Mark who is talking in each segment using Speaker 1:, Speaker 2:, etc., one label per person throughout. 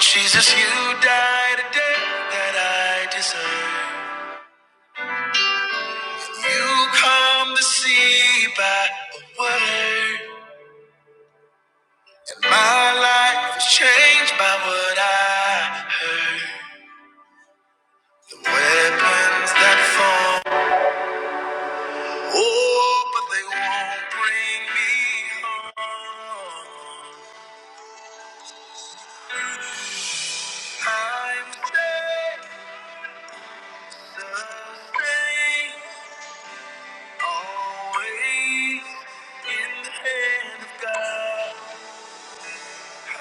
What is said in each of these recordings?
Speaker 1: Jesus, you died a death that I deserve. You come to see by a word. And my life is changed by what I heard. The weapons that fall, oh, but they won't bring me home. I'm dead, the same, always in the hand of God. I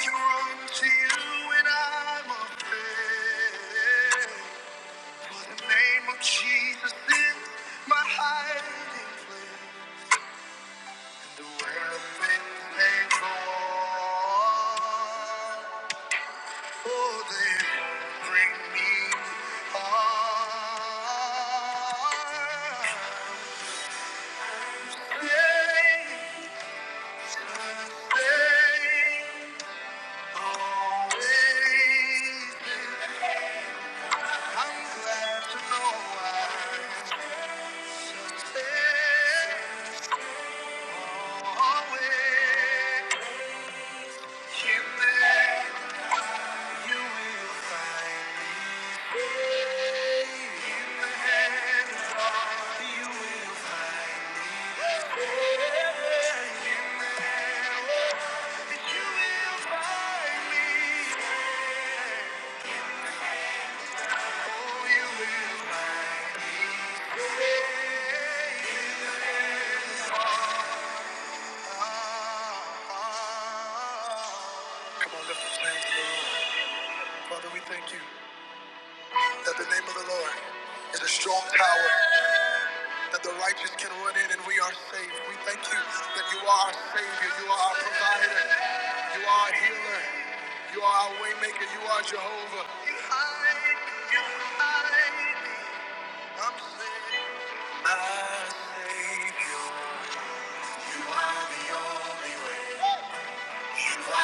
Speaker 1: can run to you and I'm afraid. For the name of Jesus is my hiding place. won't Always. Come on, lift those hands the Lord. Father, we thank you that the name of the Lord is a strong tower, that the righteous can run in and we are saved. We thank you that you are our Savior, you are our provider, you are our healer, you are our waymaker, you are Jehovah. You hide me, you hide me. I'm saved. My Savior, you are the only way. You will never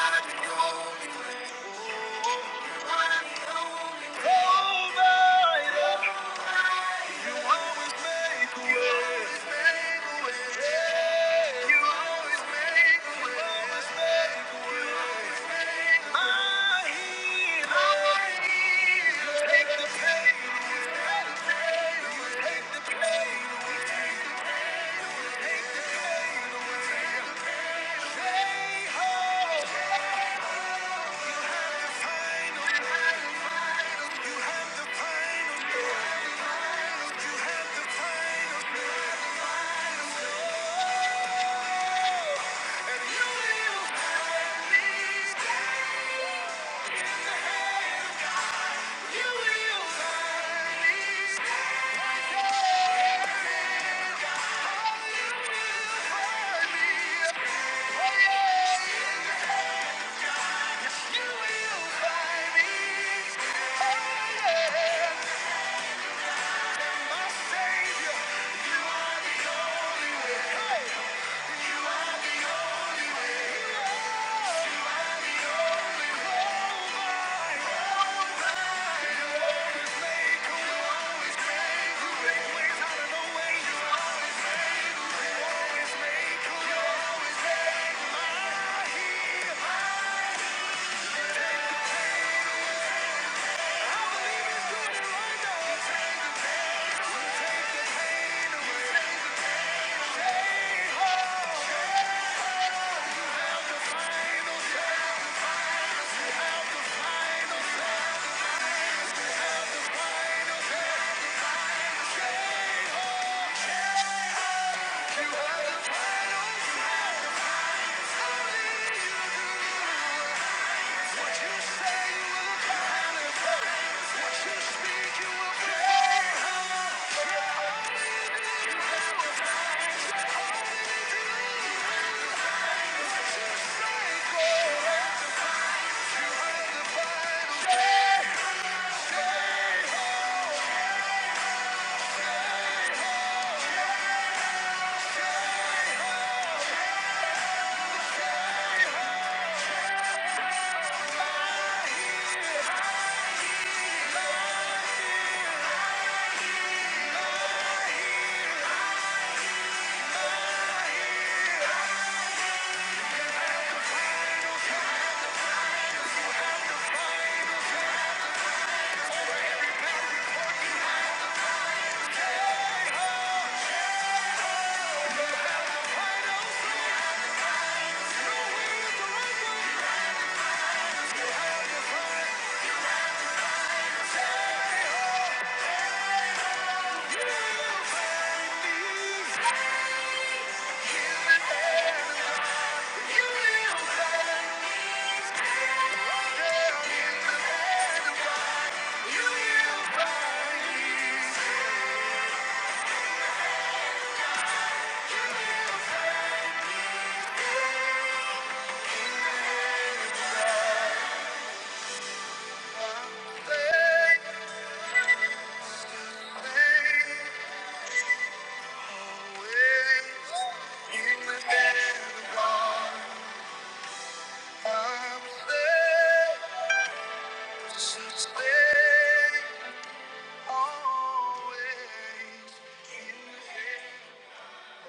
Speaker 1: Yeah.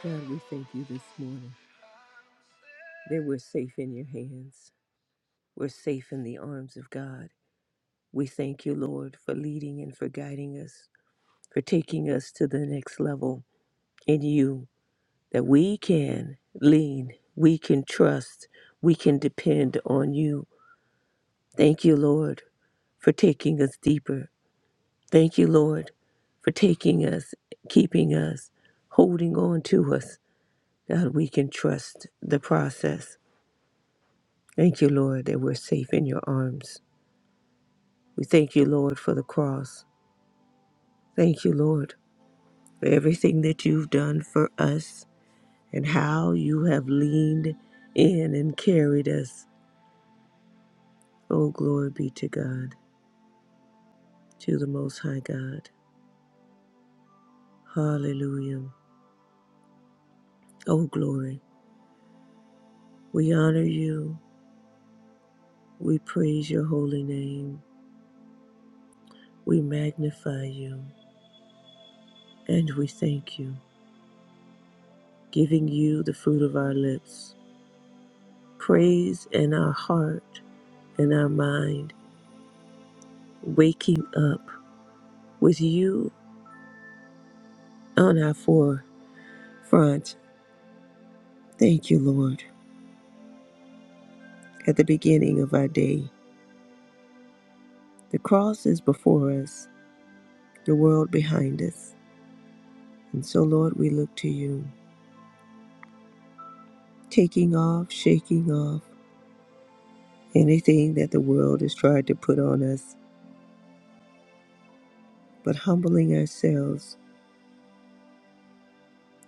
Speaker 1: God, we thank you this morning that we're safe in your hands. We're safe in the arms of God. We thank you, Lord, for leading and for guiding us, for taking us to the next level in you, that we can lean, we can trust, we can depend on you. Thank you, Lord, for taking us deeper. Thank you, Lord, for taking us, keeping us, holding on to us. God, we can trust the process. Thank you, Lord, that we're safe in your arms. We thank you, Lord, for the cross. Thank you, Lord, for everything that you've done for us and how you have leaned in and carried us. Oh, glory be to God, to the Most High God. Hallelujah. Oh, glory. We honor you. We praise your holy name. We magnify you. And we thank you, giving you the fruit of our lips. praise in our heart and our mind, waking up with you on our forefront. Thank you, Lord, at the beginning of our day. The cross is before us, the world behind us. And so, Lord, we look to you, taking off, shaking off anything that the world has tried to put on us, but humbling ourselves,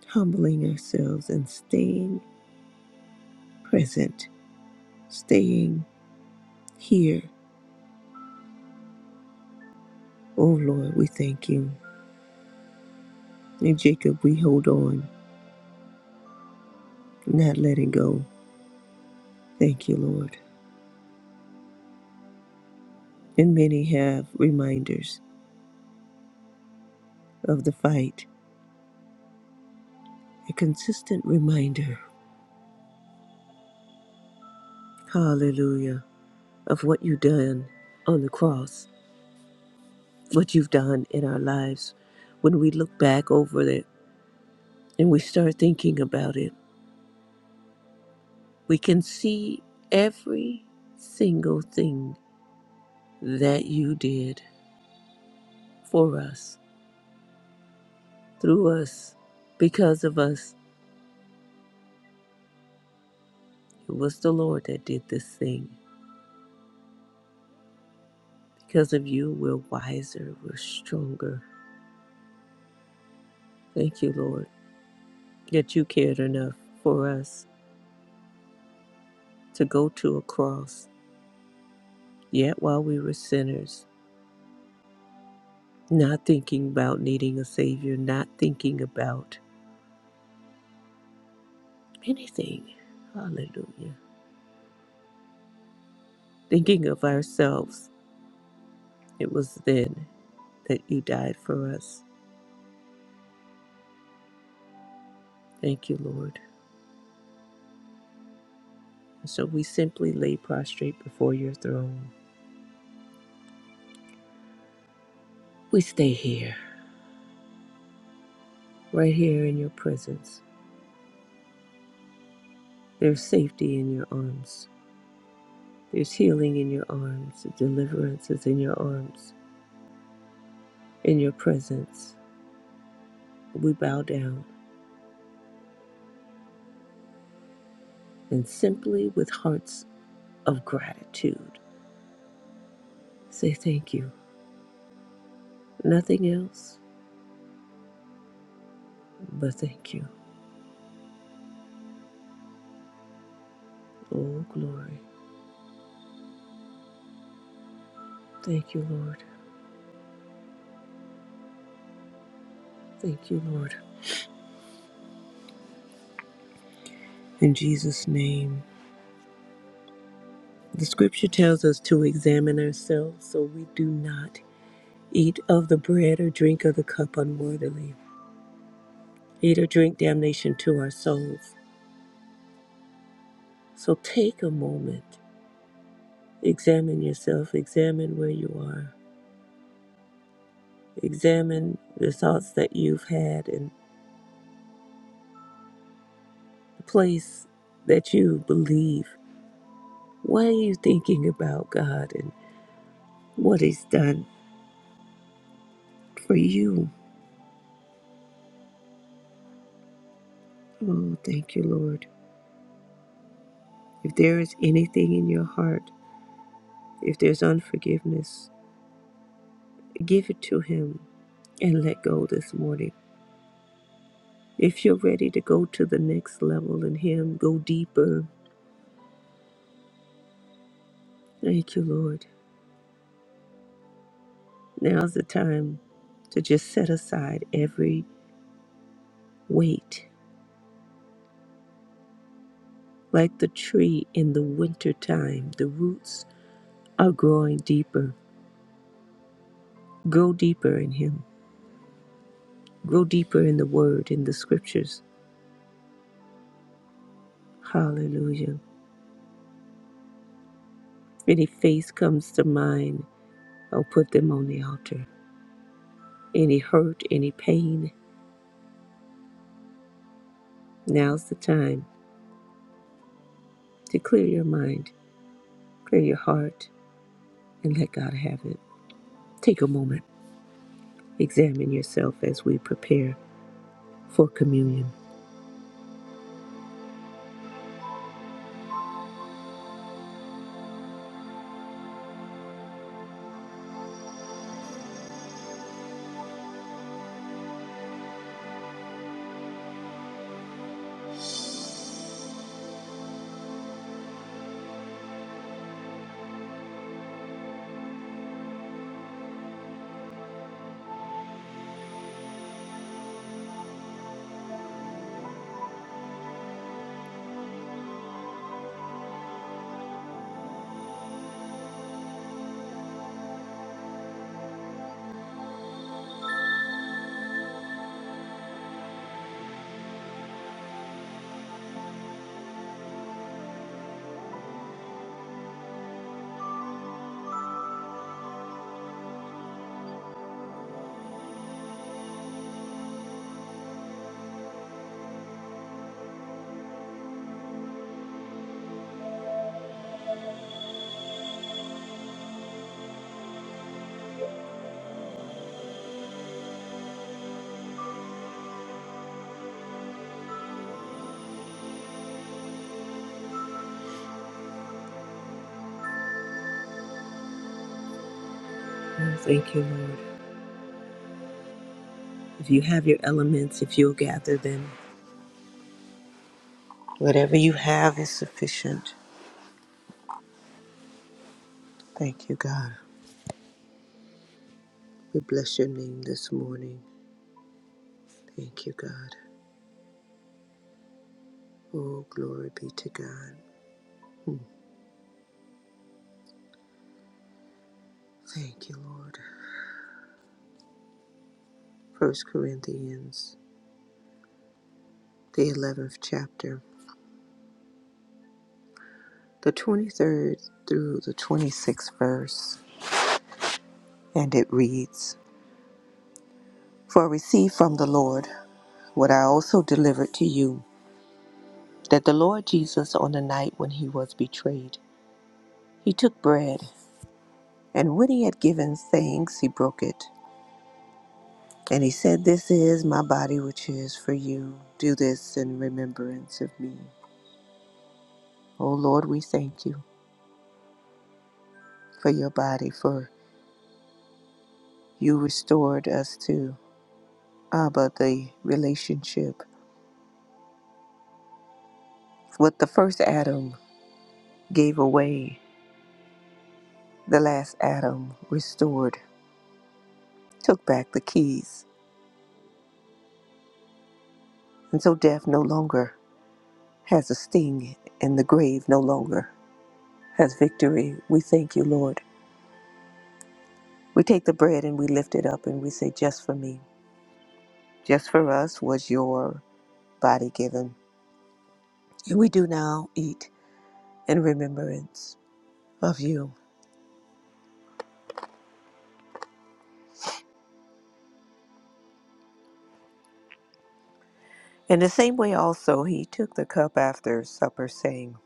Speaker 1: humbling ourselves, and staying present, staying here Oh Lord, we thank you. In Jacob, we hold on, not letting go. Thank you, Lord. And many have reminders of the fight, a consistent reminder, hallelujah, of what you've done on the cross, what you've done in our lives. When we look back over it and we start thinking about it, we can see every single thing that you did for us, through us, because of us It was the Lord that did this thing. Because of you, we're wiser, we're stronger. Thank you, Lord, that you cared enough for us to go to a cross. Yet while we were sinners, not thinking about needing a Savior, not thinking about anything. Hallelujah. Thinking of ourselves, it was then that you died for us. Thank you, Lord. And so we simply lay prostrate before your throne. We stay here, right here in your presence There's safety in your arms. There's healing in your arms. Deliverance is in your arms. In your presence, we bow down and simply with hearts of gratitude say thank you. Nothing else but thank you. Oh, glory. Thank you, Lord. Thank you, Lord. In Jesus' name. The scripture tells us to examine ourselves so we do not eat of the bread or drink of the cup unworthily, eat or drink damnation to our souls. So take a moment, examine yourself, examine where you are, examine the thoughts that you've had and the place that you believe. What are you thinking about God and what He's done for you? Oh, thank you, Lord. If there is anything in your heart, if there's unforgiveness, give it to Him and let go this morning. If you're ready to go to the next level in Him, go deeper. Thank you, Lord. Now's the time to just set aside every weight. Like the tree in the winter time, the roots are growing deeper. Grow deeper in Him. Grow deeper in the Word, in the Scriptures. Hallelujah. Any face comes to mind, I'll put them on the altar. Any hurt, any pain, now's the time to clear your mind, clear your heart, and let God have it. Take a moment, examine yourself as we prepare for communion. Oh, thank you, Lord. If you have your elements, if you'll gather them, whatever you have is sufficient. Thank you, God. We bless your name this morning. Thank you, God. Oh, glory be to God. Thank you, Lord. First Corinthians, the 11th chapter, the 23rd through the 26th verse, and it reads For I received from the Lord what I also delivered to you, that the Lord Jesus, on the night when he was betrayed, He took bread, and when he had given thanks, he broke it. And he said, This is my body, which is for you. Do this in remembrance of me. O Lord, we thank you for your body, for you restored us to Abba, the relationship. What the first Adam gave away, the last Adam restored, took back the keys. And so death no longer has a sting, and the grave no longer has victory. We thank you, Lord We take the bread and we lift it up and we say, Just for me, just for us was your body given. And we do now eat in remembrance of you. In the same way, also, he took the cup after supper, saying,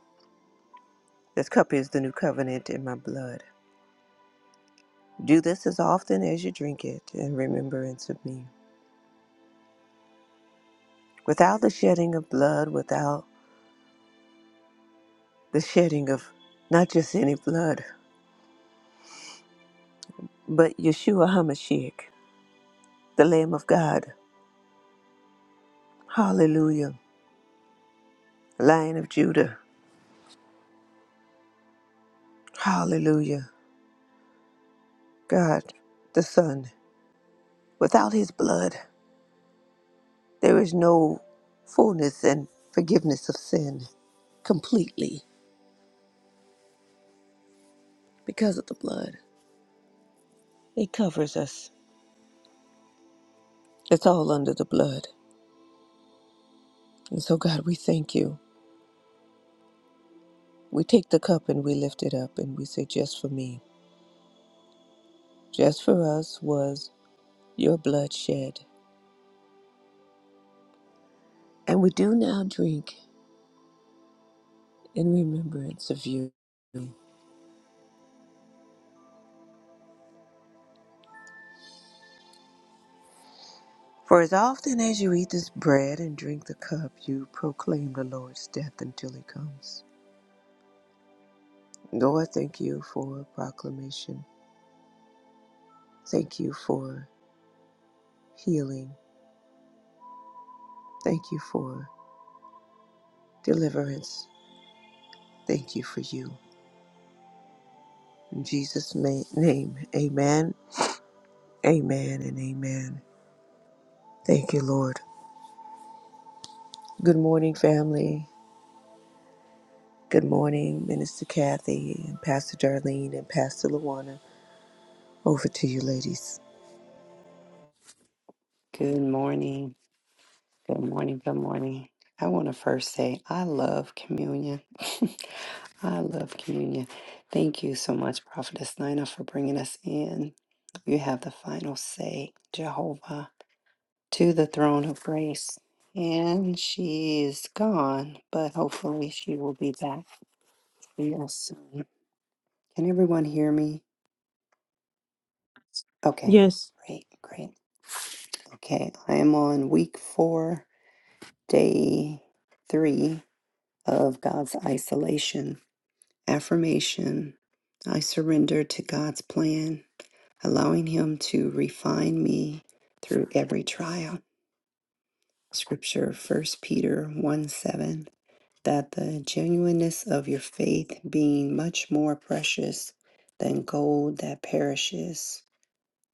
Speaker 1: This cup is the new covenant in my blood. Do this as often as you drink it in remembrance of me. Without the shedding of blood, without the shedding of not just any blood, but Yeshua HaMashiach, the Lamb of God. Hallelujah Lion of Judah. Hallelujah. God, the Son. Without his blood, there is no fullness and forgiveness of sin completely because of the blood. It covers us. It's all under the blood. And so, God, we thank you. We take the cup and we lift it up and we say, just for me, just for us was your blood shed. And we do now drink in remembrance of you. For as often as you eat this bread and drink the cup, you proclaim the Lord's death until he comes. Lord, thank you for proclamation. Thank you for healing. Thank you for deliverance. Thank you for you. In Jesus' name, amen, amen, and amen. Thank you, Lord. Good morning, family. Good morning, Minister Kathy and Pastor Darlene and Pastor Luana. Over to you, ladies.
Speaker 2: Good morning. Good morning. Good morning. I want to first say I love communion. I love communion. Thank you so much, Prophetess Nina, for bringing us in. You have the final say, Jehovah, to the throne of grace. And she is gone, but hopefully she will be back real soon. Can everyone hear me? Okay,
Speaker 3: Yes.
Speaker 2: great, great. Okay, I am on week four, day three of God's isolation. Affirmation I surrender to God's plan, allowing Him to refine me through every trial. Scripture First Peter 1 7 That the genuineness of your faith, being much more precious than gold that perishes,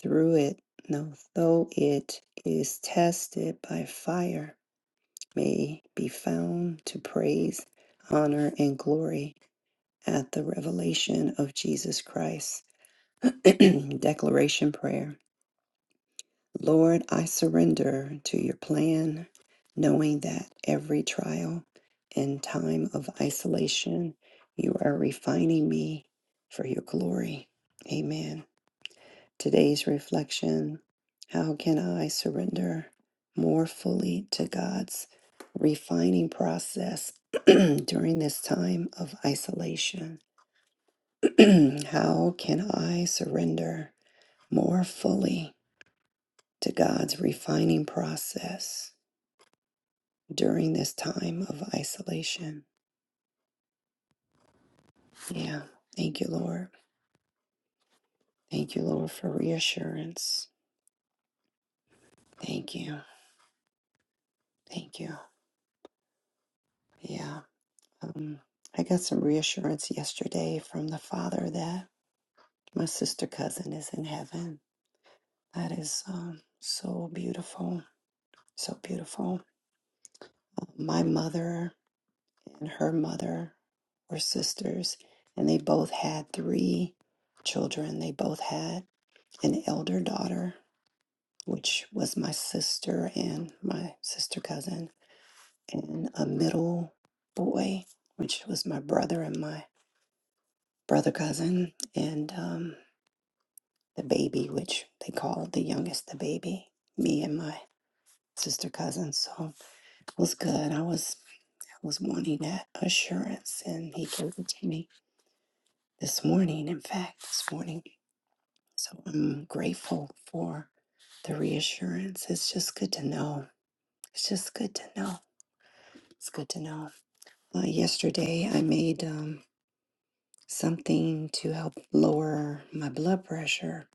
Speaker 2: through it, no, though it is tested by fire, may be found to praise, honor, and glory at the revelation of Jesus Christ. Declaration prayer. Lord, I surrender to your plan, knowing that every trial and time of isolation, you are refining me for your glory. Amen. Today's reflection How can I surrender more fully to God's refining process during this time of isolation? How can I surrender more fully to God's refining process during this time of isolation? Yeah. Thank you, Lord. Thank you, Lord, for reassurance. Thank you. Thank you. Yeah. Um, I got some reassurance yesterday from the Father that my sister cousin is in heaven. That is um, so beautiful. So beautiful. My mother and her mother were sisters, and they both had three children. They both had an elder daughter, which was my sister and my sister cousin, and a middle boy, which was my brother and my brother cousin, and um, the baby, which they called the youngest the baby, me and my sister cousin. So it was good. I was I was wanting that assurance, and he gave it to me this morning, in fact, this morning. So I'm grateful for the reassurance. It's just good to know. It's just good to know. It's good to know. Uh, yesterday, I made um, something to help lower my blood pressure,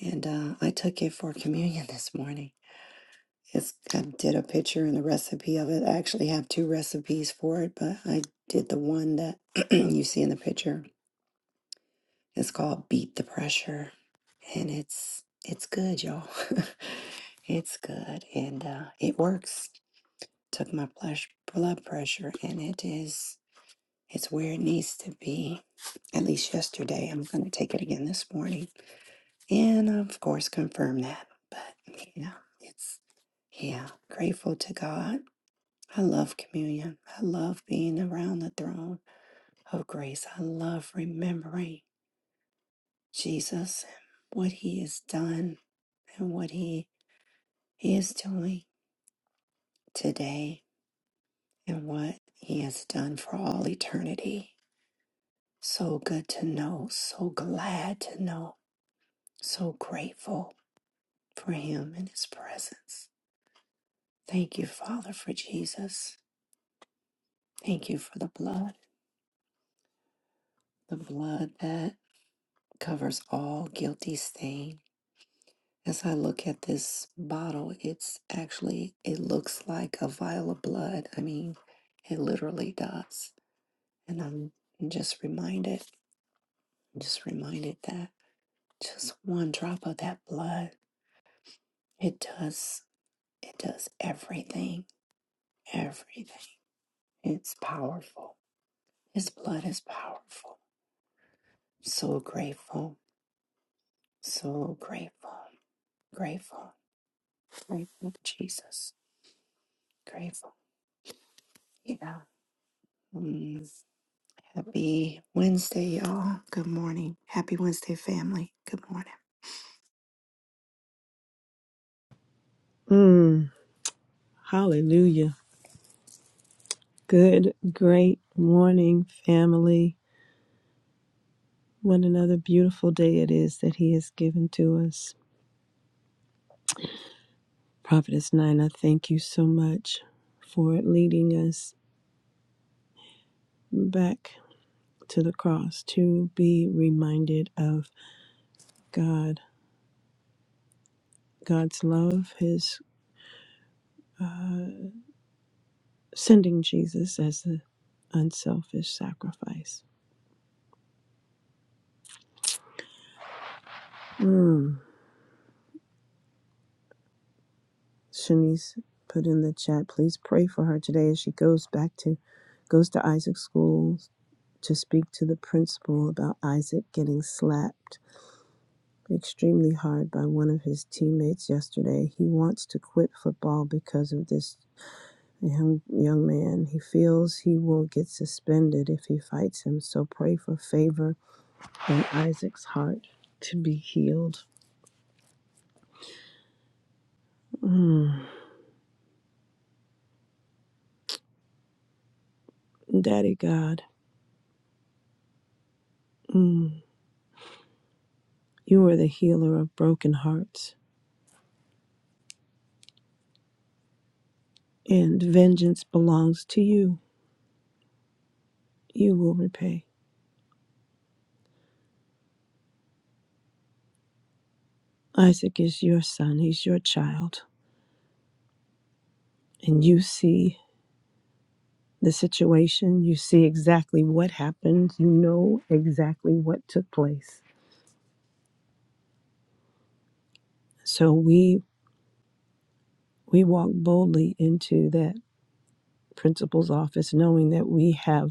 Speaker 2: and uh, I took it for communion this morning. It's, I did a picture and a recipe of it. I actually have two recipes for it, but I did the one that you see in the picture It's called Beat the Pressure, and it's it's good, y'all. it's good, and uh, it works. Took my plush blood pressure, and it is it's where it needs to be. At least yesterday, I'm going to take it again this morning, and of course confirm that. But yeah, it's yeah, grateful to God. I love communion. I love being around the throne of grace. I love remembering. Jesus, what he has done and what he is doing today and what he has done for all eternity. So good to know, so glad to know, so grateful for him and his presence. Thank you, Father, for Jesus. Thank you for the blood, the blood that covers all guilty stain As I look at this bottle, it's actually, it looks like a vial of blood. I mean, it literally does. And I'm just reminded, just reminded that just one drop of that blood, it does, it does everything, everything. It's powerful. His blood is powerful. So grateful, so grateful, grateful, grateful, Jesus, grateful. Yeah. Mm. Happy Wednesday, y'all. Good morning. Happy Wednesday, family. Good morning.
Speaker 3: Mm. Hallelujah. Good, great morning, family. What another beautiful day it is that He has given to us. Prophetess Nine, thank you so much for leading us back to the cross to be reminded of God, God's love, His uh, sending Jesus as the unselfish sacrifice. Mm. Shanice put in the chat, please pray for her today as she goes back to goes to Isaac School to speak to the principal about Isaac getting slapped extremely hard by one of his teammates yesterday. He wants to quit football because of this young, young man. He feels he will get suspended if he fights him. So pray for favor in Isaac's heart to be healed. Mm. Daddy God, mm. you are the healer of broken hearts. and vengeance belongs to you. You will repay. Isaac is your son, he's your child. And you see the situation, you see exactly what happened, you know exactly what took place. So we we walk boldly into that principal's office knowing that we have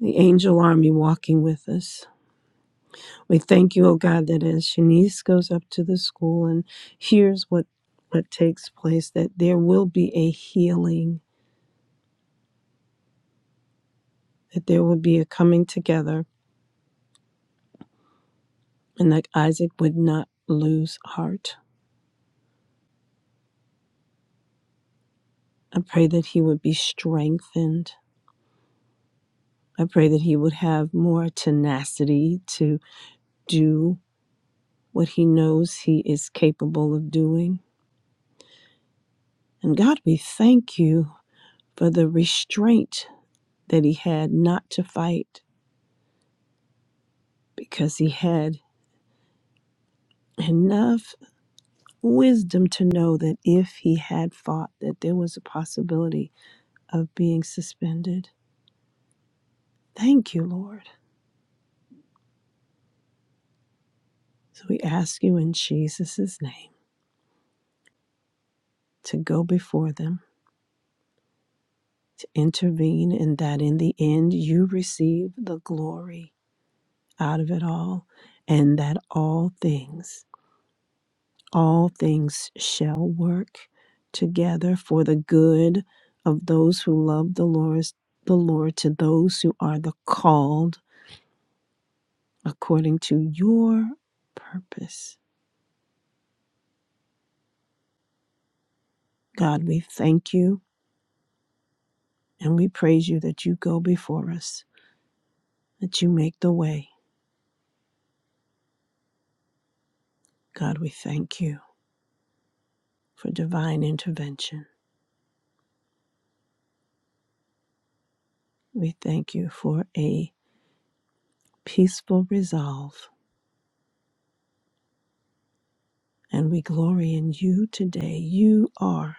Speaker 3: the angel army walking with us. We thank you, oh God, that as Shanice goes up to the school and hears what what takes place, that there will be a healing that there would be a coming together and that Isaac would not lose heart. I pray that he would be strengthened. I pray that he would have more tenacity to do what he knows he is capable of doing. And God, we thank you for the restraint that he had not to fight because he had enough wisdom to know that if he had fought that there was a possibility of being suspended. Thank you, Lord. So we ask you in Jesus' name to go before them, to intervene, and that in the end you receive the glory out of it all, and that all things, all things shall work together for the good of those who love the Lord, the Lord to those who are the called according to your purpose. God, we thank you and we praise you that you go before us, that you make the way God, we thank you for divine intervention. We thank you for a peaceful resolve, and we glory in you today. You are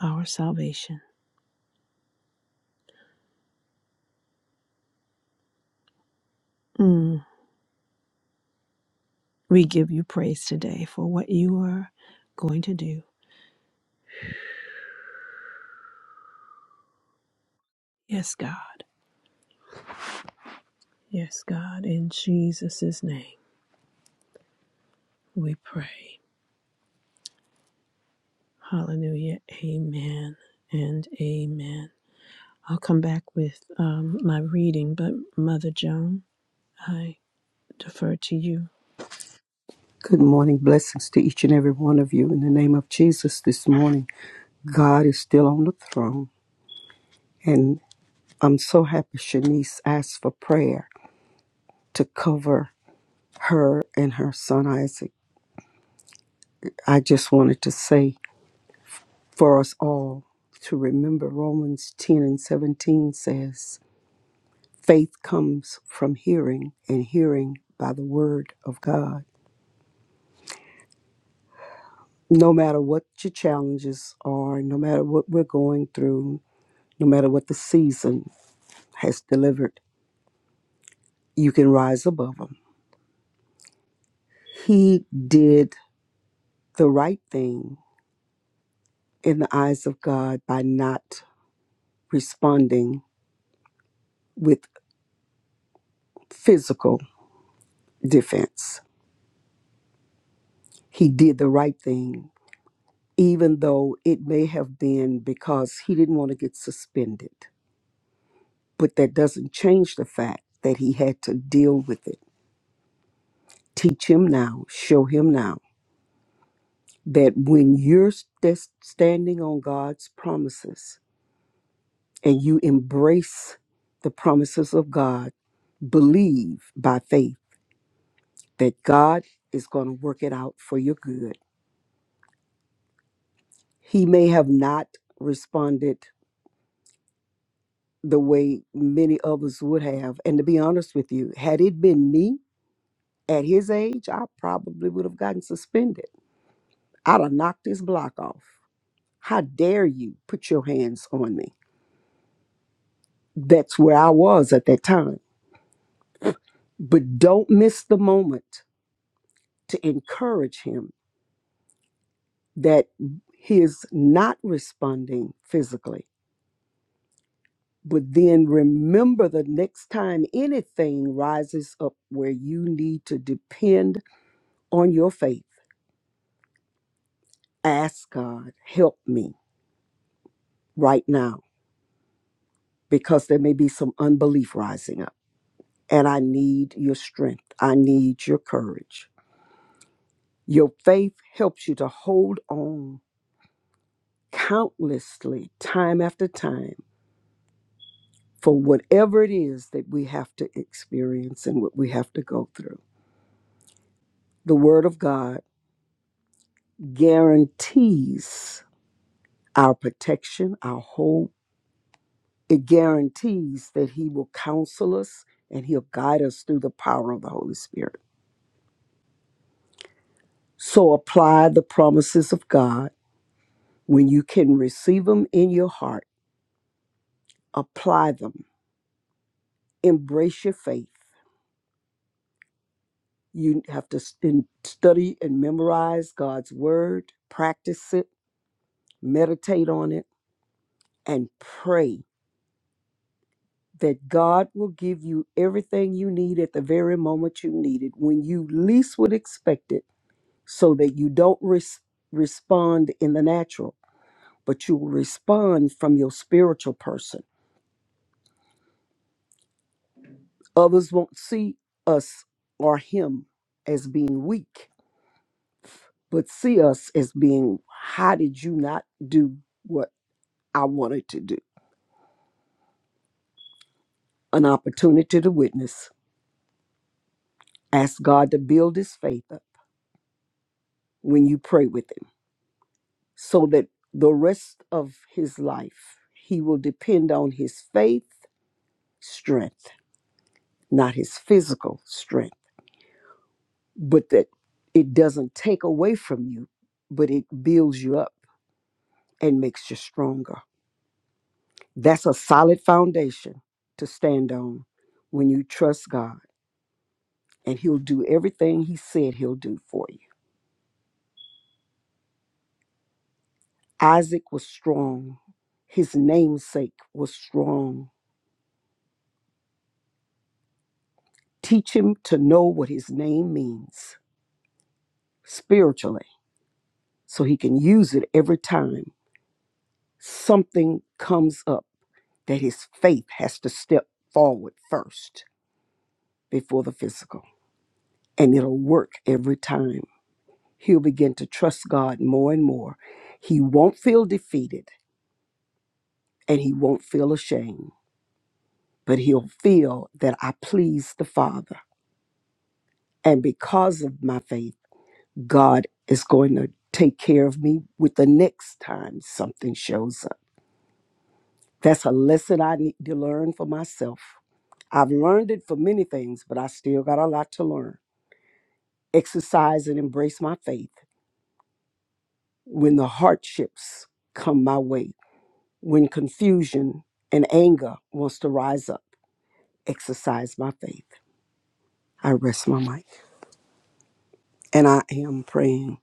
Speaker 3: our salvation. Mm. We give you praise today for what you are going to do. Yes, God. Yes, God. In Jesus' name we pray. Hallelujah. Amen and amen. I'll come back with um, my reading, but Mother Joan, I defer to you.
Speaker 4: Good morning. Blessings to each and every one of you in the name of Jesus this morning. God is still on the throne. And I'm so happy Shanice asked for prayer to cover her and her son Isaac. I just wanted to say for us all to remember Romans 10 and 17 says, faith comes from hearing, and hearing by the word of God. No matter what your challenges are, no matter what we're going through, no matter what the season, has delivered. You can rise above them. He did the right thing in the eyes of God by not responding with physical defense. He did the right thing, even though it may have been because he didn't want to get suspended. But that doesn't change the fact that he had to deal with it. Teach him now, show him now that when you're st- standing on God's promises, and you embrace the promises of God, believe by faith that God is going to work it out for your good. He may have not responded the way many others would have. And to be honest with you, had it been me at his age, I probably would have gotten suspended. I'd have knocked his block off. How dare you put your hands on me? That's where I was at that time. But don't miss the moment to encourage him that he is not responding physically, but then remember the next time anything rises up where you need to depend on your faith, ask God, help me right now, because there may be some unbelief rising up, and I need your strength. I need your courage. Your faith helps you to hold on countlessly, time after time for whatever it is that we have to experience and what we have to go through. The Word of God guarantees our protection, our hope. It guarantees that He will counsel us and He'll guide us through the power of the Holy Spirit. So apply the promises of God when you can receive them in your heart. Apply them, embrace your faith. You have to st- study and memorize God's Word, practice it, meditate on it and pray that God will give you everything you need at the very moment you need it, when you least would expect it, so that you don't res- respond in the natural, but you will respond from your spiritual person. Others won't see us or Him as being weak, but see us as being, how did you not do what I wanted to do? An opportunity to witness. Ask God to build His faith up when you pray with Him so that the rest of his life he will depend on his faith strength, not his physical strength, but that it doesn't take away from you, but it builds you up and makes you stronger. That's a solid foundation to stand on when you trust God, and he'll do everything he said he'll do for you. Isaac was strong. His namesake was strong. Teach him to know what his name means spiritually so he can use it every time something comes up that his faith has to step forward first before the physical. And it'll work every time. He'll begin to trust God more and more. He won't feel defeated and he won't feel ashamed, but he'll feel that I please the Father. And because of my faith, God is going to take care of me with the next time something shows up. That's a lesson I need to learn for myself. I've learned it for many things, but I still got a lot to learn. Exercise and embrace my faith when the hardships come my way, when confusion and anger wants to rise up. Exercise my faith. I rest my mic. And I am praying.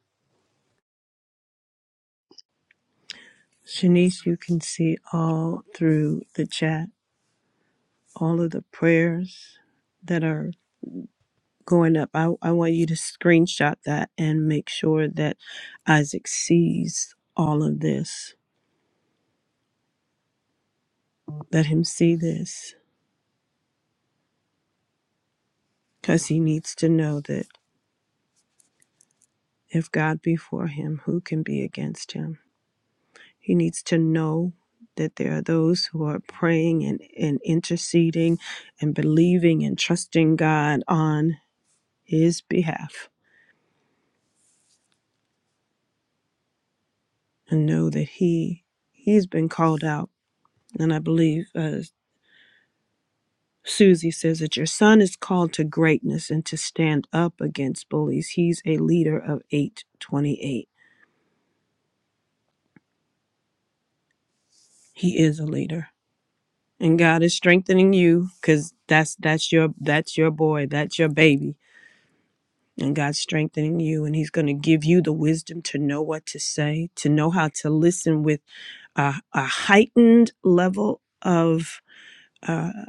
Speaker 3: Shanice, you can see all through the chat, all of the prayers that are going up. I, I want you to screenshot that and make sure that Isaac sees all of this. Let him see this because he needs to know that if God be for him, who can be against him? He needs to know that there are those who are praying and, and interceding and believing and trusting God on his behalf and know that he he's been called out. And I believe uh, Susie says that your son is called to greatness and to stand up against bullies. He's a leader of 828. He is a leader. And God is strengthening you cuz that's that's your that's your boy, that's your baby. And God's strengthening you and he's going to give you the wisdom to know what to say, to know how to listen with a, a heightened level of uh,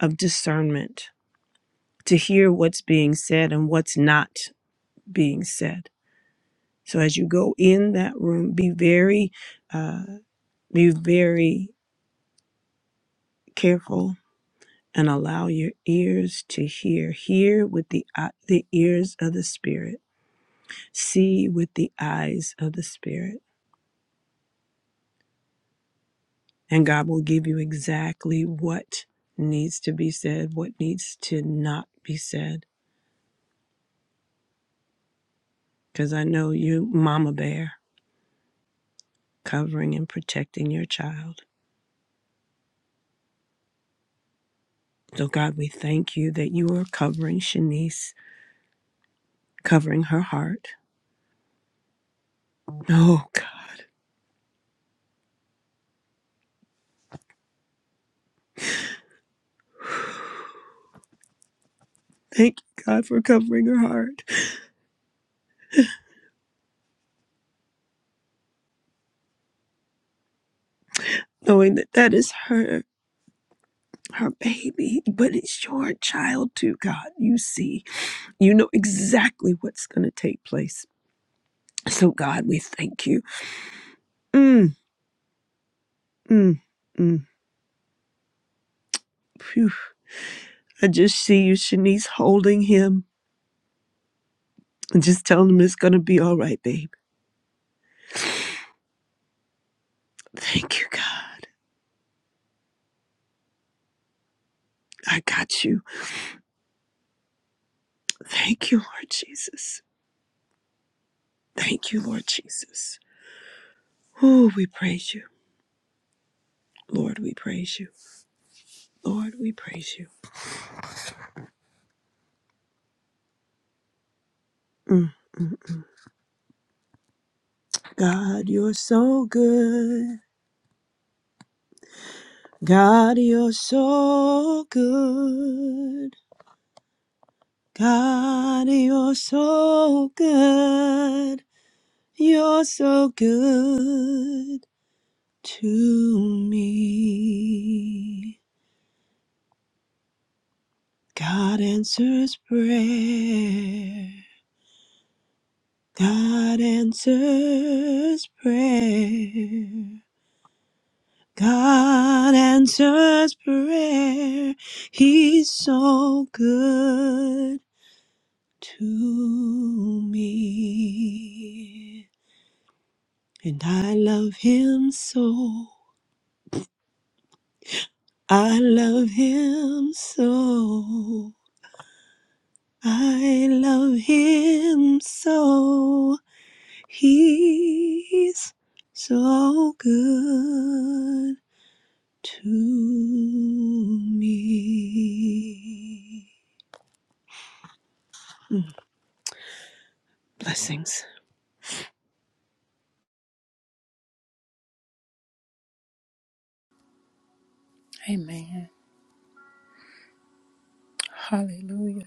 Speaker 3: of discernment to hear what's being said and what's not being said. So as you go in that room, be very, uh, be very careful and allow your ears to hear. Hear with the eye- the ears of the spirit. See with the eyes of the spirit, and God will give you exactly what needs to be said, what needs to not be said. Because I know you, Mama Bear, covering and protecting your child. So, God, we thank you that you are covering Shanice, covering her heart. Oh, God. Thank you, God, for covering her heart, knowing that that is her. Her baby, but it's your child too, God. You see, you know exactly what's going to take place. So, God, we thank you. Mm, mm, mm. Phew. I just see you, Shanice, holding him and just telling him it's going to be all right, babe. Thank you, God. I got you. Thank you, Lord Jesus. Thank you, Lord Jesus. Oh, we praise you. Lord, we praise you. Lord, we praise you. Mm. God, you're so good. God, you're so good. God, you're so good. You're so good to me. God answers prayer. God answers prayer. God answers prayer. He's so good to me. And I love him so. I love him so. I love him so. He's so good to me. Blessings.
Speaker 5: Amen. Hallelujah.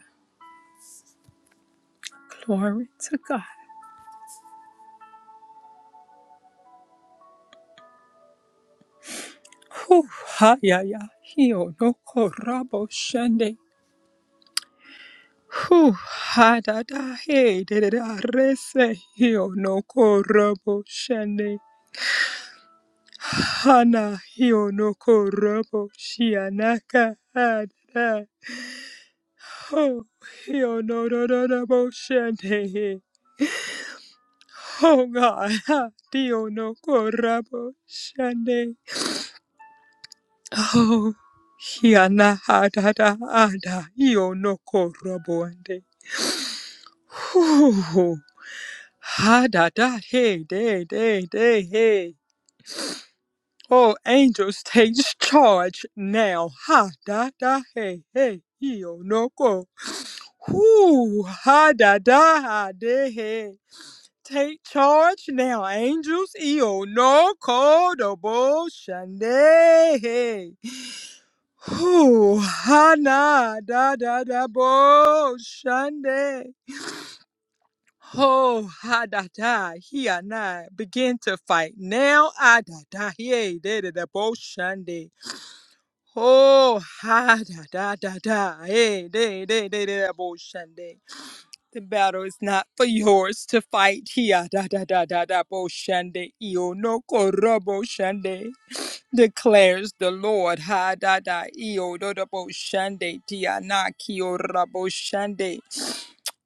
Speaker 5: Glory to God. Whew, ha ya ya. Hio no korabo shende. Whew, ha da da he de de da rese. Hio no korabo shende. Hana hio no korabo shianaka ha da. da. Oh, hio no no no no bo shende. Oh God, ha dio no korabo shende. Oh, hiana hadada ada ionoko roboande. Whew. Hadada hey day day day hey. Oh, angels take charge now. Hadada hey hey ionoko. Whew. Hadada ade hey. Take charge now, angels. Ionoko dobo shande hey. Whew, hana da da da bo shande. Ho ha da da he and I begin to fight now. Ah da da he eh, de de da bo shande. Ho ha da da da da hey de de de de da bo shande. The battle is not for yours to fight. Here da da da da da bo shande. Io no korobo shande declares the Lord. Ha da da io dodobo shande tiana kio rabo shande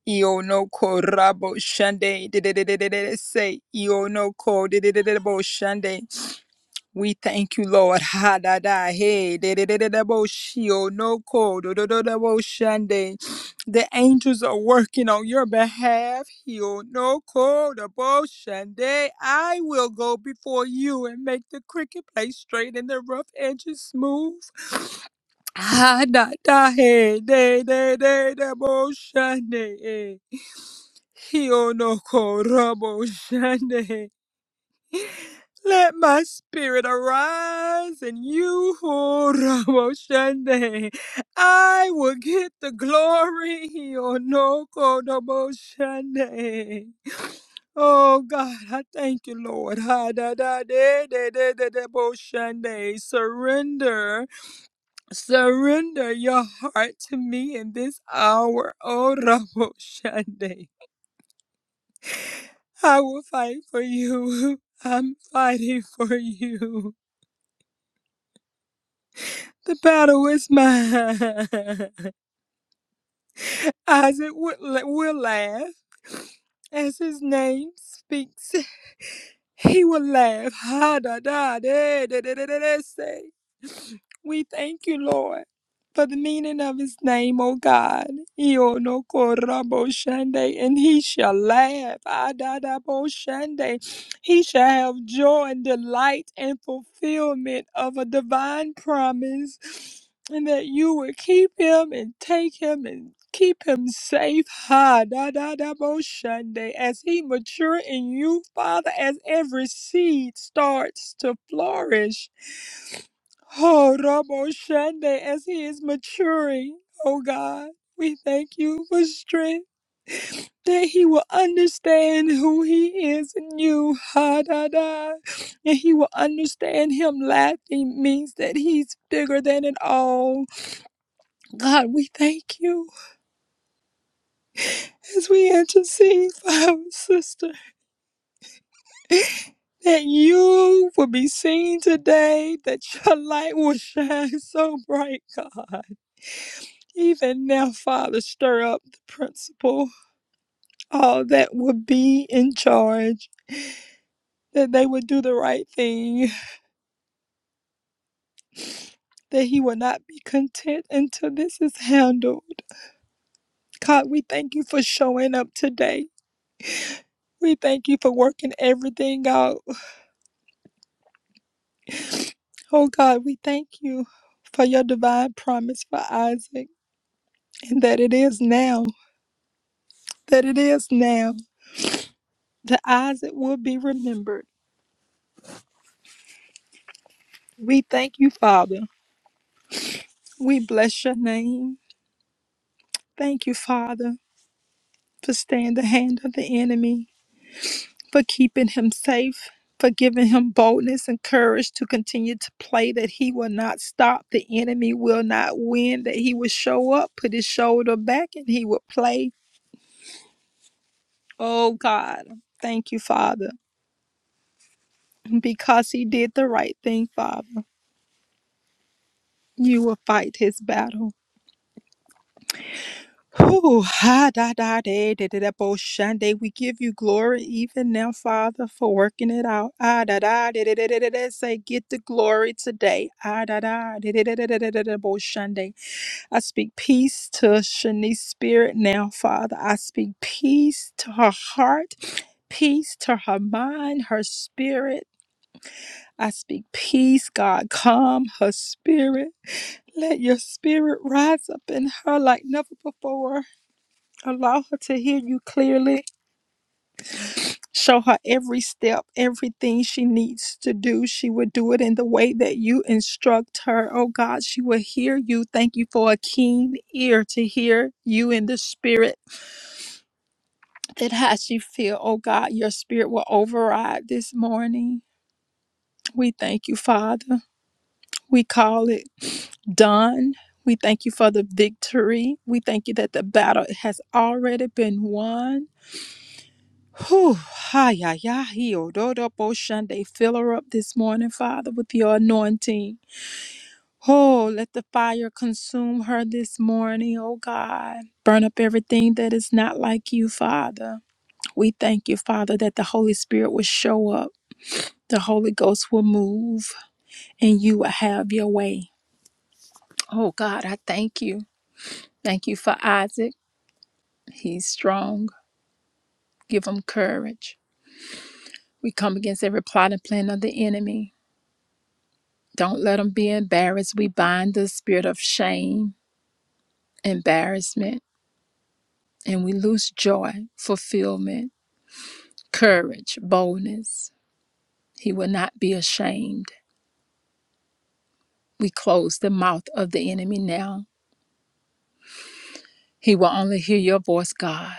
Speaker 5: io no ko rabo shande de de de de de say io no ko de de de de bo shande we thank you, Lord. Ha da da hey de de de de da bo shio no ko do do do da bo shande. The angels are working on your behalf. Hio no ko da bo shande. I will go before you and make the cricket play straight and the rough edges smooth. Ha da da hey de de de da bo shande. eh. Hio no ko da bo shande. Let my spirit arise and you, oh, Ramo Shande. I will get the glory, oh, no, Kodomo Shande. Oh, God, I thank you, Lord. Ha, da, da, de, de, de, de, de, bo, Shande. Surrender, surrender your heart to me in this hour, oh, Ramo Shande. I will fight for you. I'm fighting for you. The battle is mine. Isaac will, will laugh as his name speaks. He will laugh. Ha da da da da da da da. da, Say, we thank you, Lord, for the meaning of His name, O God. Io no corrabo shande, and He shall laugh. Ah da da bo shande. He shall have joy and delight and fulfillment of a divine promise and that you would keep him and take him and keep him safe ha da da da bo shunday as he mature in you father as every seed starts to flourish oh rabo shunday as he is maturing oh god we thank you for strength that he will understand who he is in you ha da da and he will understand him laughing means that he's bigger than it all God, we thank you as we intercede for our sister that you will be seen today, that your light will shine so bright, God. Even now, Father, stir up the principal, all that will be in charge, that they would do the right thing, that he will not be content until this is handled. God, we thank you for showing up today. We thank you for working everything out Oh God, we thank you for your divine promise for Isaac and that it is now, that it is now, that Isaac will be remembered. We thank you, Father. We bless your name. Thank you, Father, for staying the hand of the enemy, for keeping him safe, for giving him boldness and courage to continue to play, that he will not stop, the enemy will not win, that he will show up, put his shoulder back, and he will play. Oh God, thank you, Father. Because he did the right thing, Father, you will fight his battle. Whew, ha, da, da, da, da, da, da, bo, shande. We give you glory even now, Father, for working it out. Ah, da, da, da, da, da, da, da, da. Say, get the glory today. Ah, da, da, da, da, da, da, da, da, da, da, bo, shande. I speak peace to Shanice's spirit now, Father. I speak peace to her heart, peace to her mind, her spirit. I speak peace, God. Calm her spirit. Let your spirit rise up in her like never before. Allow her to hear you clearly. Show her every step, everything she needs to do. She will do it in the way that you instruct her. Oh God, she will hear you. Thank you for a keen ear to hear you in the spirit. That how she feel. Oh God, your spirit will override this morning. We thank you, Father. We call it. done. We thank you for the victory. We thank you that the battle has already been won. Whew, hi, ya, ya, he, oh, do, do, bo, shun, Fill her up this morning, Father, with your anointing. Oh, let the fire consume her this morning, oh God. Burn up everything that is not like you, Father. We thank you, Father, that the Holy Spirit will show up, the Holy Ghost will move, and you will have your way. Oh God, I thank you. Thank you for Isaac. He's strong. Give him courage. We come against every plot and plan of the enemy. Don't let him be embarrassed. We bind the spirit of shame, embarrassment, and we lose joy, fulfillment, courage, boldness. He will not be ashamed. We close the mouth of the enemy now. He will only hear your voice, God.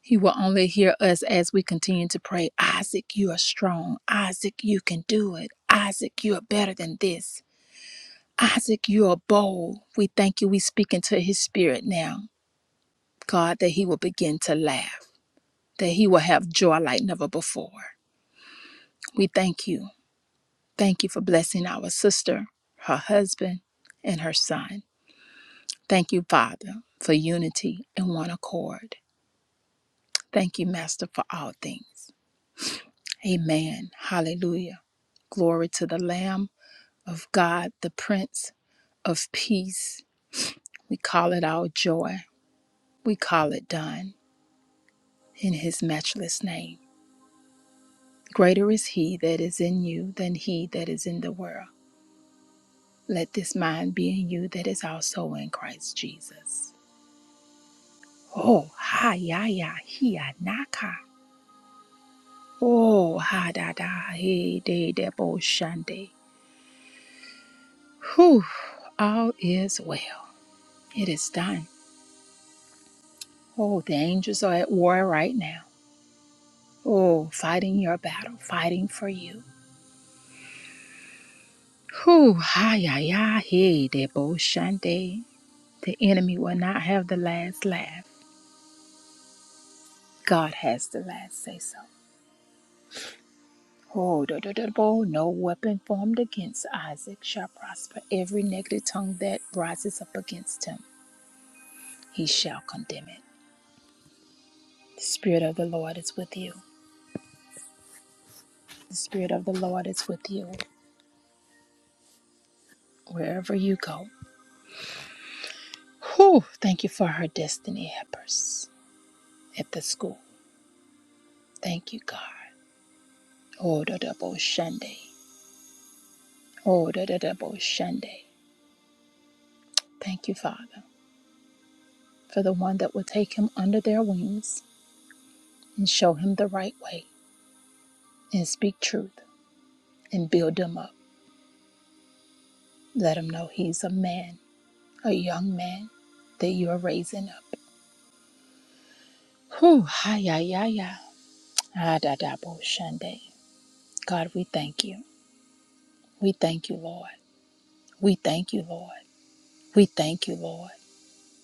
Speaker 5: He will only hear us as we continue to pray. Isaac, you are strong. Isaac, you can do it. Isaac, you are better than this. Isaac, you are bold. We thank you. We speak into his spirit now, God, that he will begin to laugh, that he will have joy like never before. We thank you. Thank you for blessing our sister, her husband, and her son. Thank you, Father, for unity and one accord. Thank you, Master, for all things. Amen. Hallelujah. Glory to the Lamb of God, the Prince of Peace. We call it our joy. We call it done. in his matchless name. Greater is he that is in you than he that is in the world. Let this mind be in you that is also in Christ Jesus. Oh, ha ya ya he ya naka. Oh, ha da da he de de bo shande. Whew, all is well. It is done. Oh, the angels are at war right now. Oh, fighting your battle, fighting for you. Whew, ha ya ya he de bo shande. The enemy will not have the last laugh. God has the last say so. Oh, do, do, do, bo. no weapon formed against Isaac shall prosper. Every negative tongue that rises up against him, he shall condemn it. The Spirit of the Lord is with you. The Spirit of the Lord is with you wherever you go. Whew, thank you for her destiny helpers at the school. Thank you, God. Oh, the double Sunday. Oh, the double Sunday. Thank you, Father. for the one that will take him under their wings and show him the right way and speak truth and build him up. Let him know he's a man, a young man that you are raising up. Whew, hi, ya, ya, ya. Ah, da, da, bo, shande. God, we thank you. We thank you, Lord. We thank you, Lord. We thank you, Lord.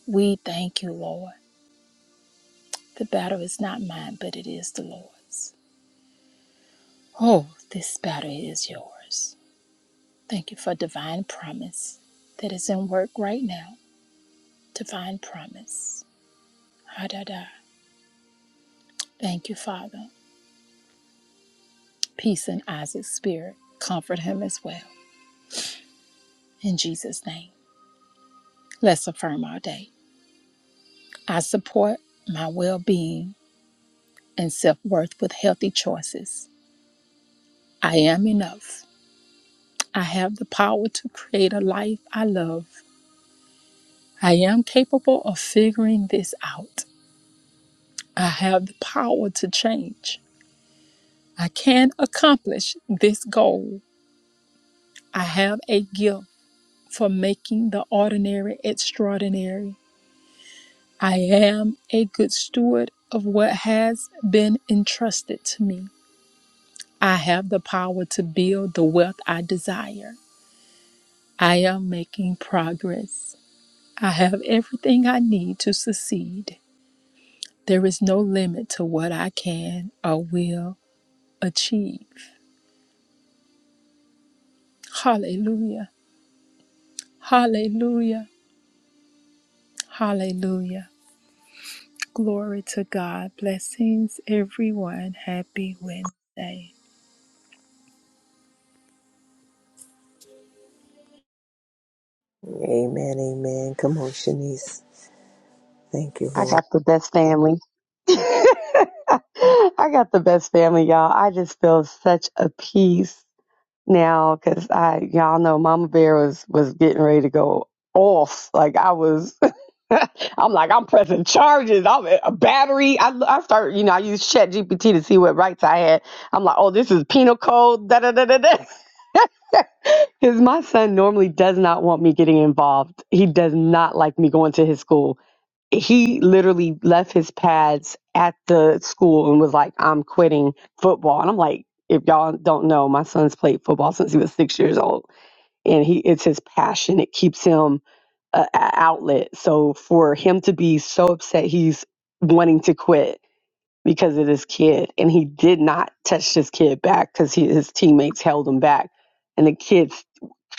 Speaker 5: We thank you, Lord. The battle is not mine, but it is the Lord's. Oh, this battle is yours. Thank you for divine promise that is in work right now. Divine promise. Ha da da. Thank you, Father. Peace in Isaac's spirit. Comfort him as well. In Jesus' name. Let's affirm our day. I support my well being and self worth with healthy choices. I am enough. I have the power to create a life I love. I am capable of figuring this out. I have the power to change. I can accomplish this goal. I have a gift for making the ordinary extraordinary. I am a good steward of what has been entrusted to me. I have the power to build the wealth I desire. I am making progress. I have everything I need to succeed. There is no limit to what I can or will achieve. Hallelujah. Hallelujah. Hallelujah. Glory to God. Blessings, everyone. Happy Wednesday.
Speaker 1: Amen, amen. Come on, Shanice. Thank you,
Speaker 6: I
Speaker 1: Lord.
Speaker 6: got the best family. I got the best family, y'all. I just feel such a peace now because I, y'all know, Mama Bear was was getting ready to go off. Like I was, I'm like I'm pressing charges. I'm at a battery. I I start, you know, I use Chat GPT to see what rights I had. I'm like, oh, this is penal code. Da da da da da. Because my son normally does not want me getting involved. He does not like me going to his school he literally left his pads at the school and was like, I'm quitting football. And I'm like, if y'all don't know, my son's played football since he was six years old, and he it's his passion. It keeps him an outlet. So for him to be so upset, he's wanting to quit because of this kid, and he did not touch this kid back because his teammates held him back, and the kid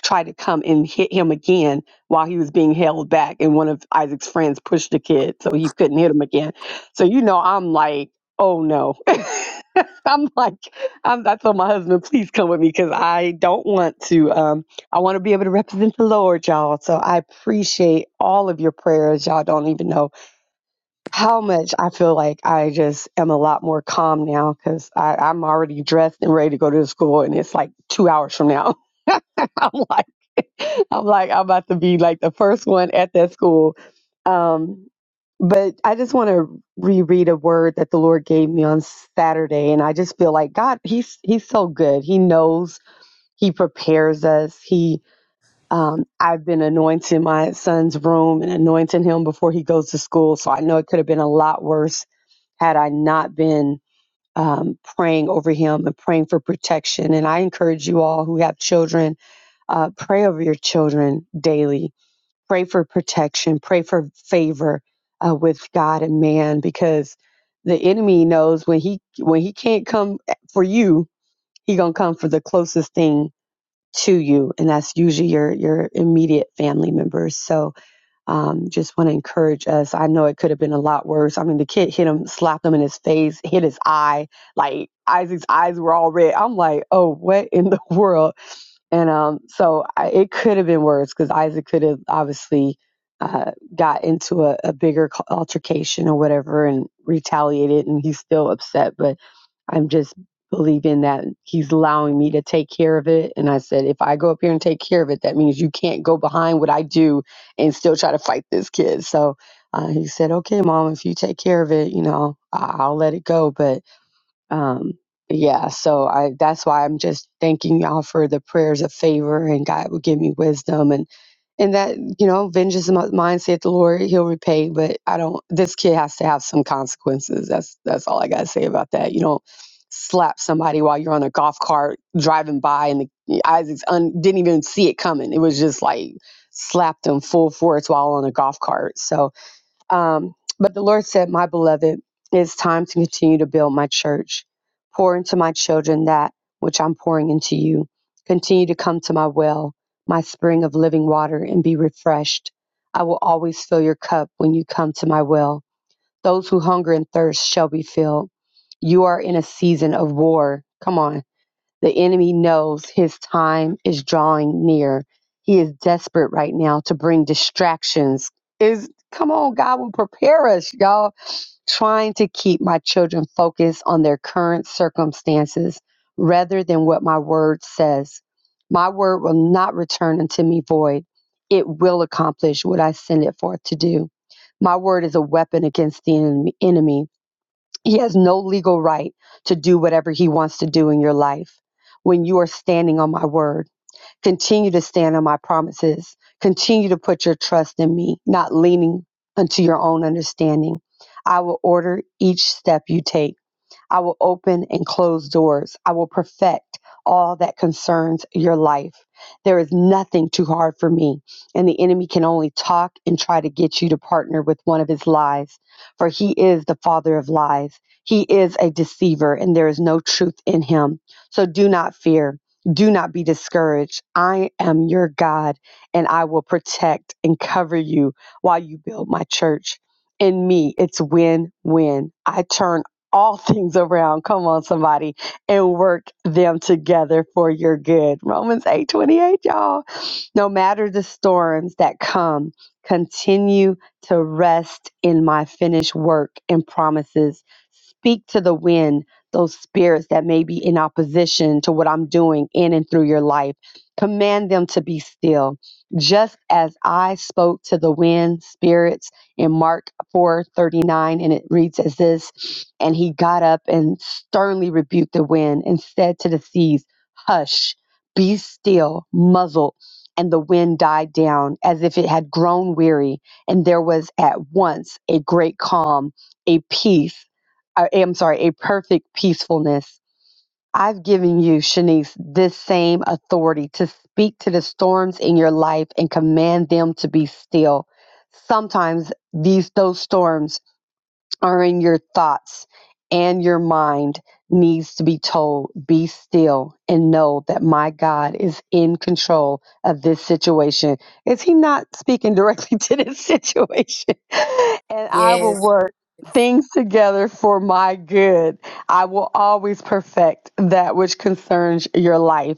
Speaker 6: tried to come and hit him again while he was being held back and one of isaac's friends pushed the kid so he couldn't hit him again so you know i'm like oh no i'm like I'm, i told my husband please come with me because i don't want to um, i want to be able to represent the lord y'all so i appreciate all of your prayers y'all don't even know how much i feel like i just am a lot more calm now because i'm already dressed and ready to go to the school and it's like two hours from now I'm like, I'm like, I'm about to be like the first one at that school. Um, but I just want to reread a word that the Lord gave me on Saturday, and I just feel like God, He's He's so good. He knows. He prepares us. He, um, I've been anointing my son's room and anointing him before he goes to school. So I know it could have been a lot worse had I not been um, praying over him and praying for protection. And I encourage you all who have children uh, pray over your children daily. Pray for protection. Pray for favor uh, with God and man, because the enemy knows when he when he can't come eh, for you, he gonna come for the closest thing to you, and that's usually your your immediate family members. So, um, just want to encourage us. I know it could have been a lot worse. I mean, the kid hit him, slapped him in his face, hit his eye. Like Isaac's eyes were all red. I'm like, oh, what in the world? And um, so I, it could have been worse because Isaac could have obviously uh, got into a, a bigger c- altercation or whatever and retaliated, and he's still upset. But I'm just believing that he's allowing me to take care of it. And I said, if I go up here and take care of it, that means you can't go behind what I do and still try to fight this kid. So uh, he said, okay, mom, if you take care of it, you know, I- I'll let it go. But um yeah so i that's why i'm just thanking y'all for the prayers of favor and god will give me wisdom and and that you know vengeance is mine saith the lord he'll repay but i don't this kid has to have some consequences that's that's all i gotta say about that you don't slap somebody while you're on a golf cart driving by and the isaac's un, didn't even see it coming it was just like slapped him full force while on a golf cart so um, but the Lord said, My beloved, it's time to continue to build my church. Pour into my children that which I'm pouring into you. Continue to come to my well, my spring of living water, and be refreshed. I will always fill your cup when you come to my well. Those who hunger and thirst shall be filled. You are in a season of war. Come on the enemy knows his time is drawing near. He is desperate right now to bring distractions. Is come on, God will prepare us, y'all. Trying to keep my children focused on their current circumstances rather than what my word says. My word will not return unto me void. It will accomplish what I send it forth to do. My word is a weapon against the en- enemy. He has no legal right to do whatever he wants to do in your life when you are standing on my word. Continue to stand on my promises. Continue to put your trust in me, not leaning unto your own understanding. I will order each step you take. I will open and close doors. I will perfect all that concerns your life. There is nothing too hard for me, and the enemy can only talk and try to get you to partner with one of his lies, for he is the father of lies. He is a deceiver, and there is no truth in him. So do not fear. Do not be discouraged. I am your God, and I will protect and cover you while you build my church. In me, it's win win. I turn all things around. Come on, somebody, and work them together for your good. Romans eight twenty-eight, y'all. No matter the storms that come, continue to rest in my finished work and promises Speak to the wind, those spirits that may be in opposition to what I'm doing in and through your life. Command them to be still. Just as I spoke to the wind spirits in Mark 4:39 and it reads as this, and he got up and sternly rebuked the wind and said to the seas, "Hush, be still, muzzle." And the wind died down as if it had grown weary, and there was at once a great calm, a peace I am sorry, a perfect peacefulness. I've given you, Shanice, this same authority to speak to the storms in your life and command them to be still. Sometimes these those storms are in your thoughts and your mind needs to be told be still and know that my god is in control of this situation is he not speaking directly to this situation and i will
Speaker 5: Yes.
Speaker 6: work things together for my good i will always perfect that which concerns your life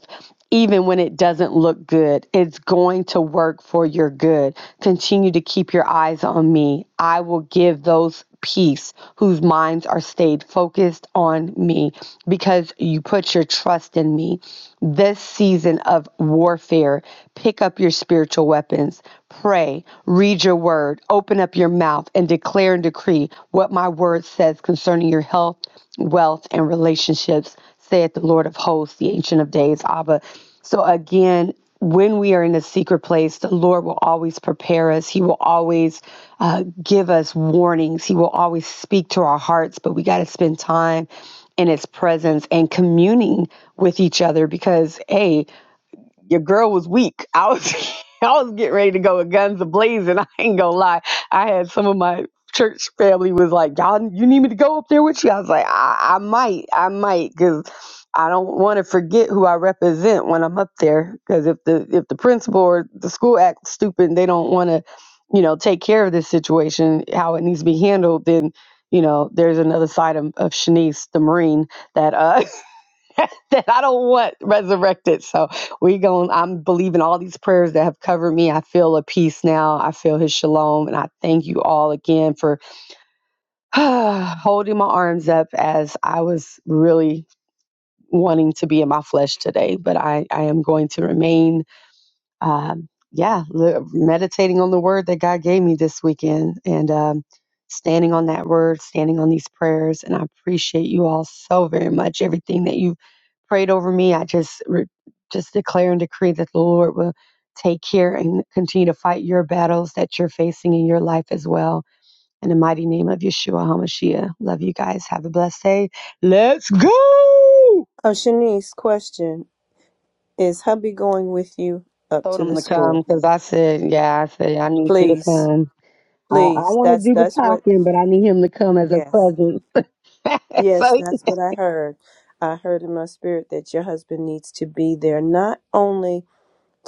Speaker 6: even when it doesn't look good, it's going to work for your good. Continue to keep your eyes on me. I will give those peace whose minds are stayed focused on me because you put your trust in me. This season of warfare, pick up your spiritual weapons, pray, read your word, open up your mouth, and declare and decree what my word says concerning your health, wealth, and relationships saith the Lord of hosts, the Ancient of Days, Abba. So again, when we are in a secret place, the Lord will always prepare us. He will always uh, give us warnings. He will always speak to our hearts, but we got to spend time in His presence and communing with each other because, hey, your girl was weak. I was I was getting ready to go with guns ablazing. I ain't gonna lie. I had some of my church family was like, "Y'all, you need me to go up there with you?" I was like, "I, I might, I might, because I don't want to forget who I represent when I'm up there. Because if the if the principal or the school acts stupid, and they don't want to, you know, take care of this situation how it needs to be handled, then." You know, there's another side of, of Shanice, the Marine, that uh, that I don't want resurrected. So we going I'm believing all these prayers that have covered me. I feel a peace now. I feel his shalom. And I thank you all again for holding my arms up as I was really wanting to be in my flesh today. But I, I am going to remain um, yeah, li- meditating on the word that God gave me this weekend and um, standing on that word, standing on these prayers. And I appreciate you all so very much. Everything that you prayed over me, I just re- just declare and decree that the Lord will take care and continue to fight your battles that you're facing in your life as well. In the mighty name of Yeshua HaMashiach. Love you guys. Have a blessed day. Let's go.
Speaker 3: Uh, Shanice, question is hubby going with you up
Speaker 6: Told
Speaker 3: to the
Speaker 6: him to come
Speaker 3: school?
Speaker 6: because I said, yeah, I said, I need you to
Speaker 3: Please,
Speaker 6: come. I, I
Speaker 3: please.
Speaker 6: want to
Speaker 3: That's
Speaker 6: do the
Speaker 3: that's what.
Speaker 6: talking, but I need him to come as a
Speaker 3: Yes,
Speaker 6: present. so
Speaker 3: yes,
Speaker 6: he
Speaker 3: that's what I heard. I heard in my spirit that your husband needs to be there not only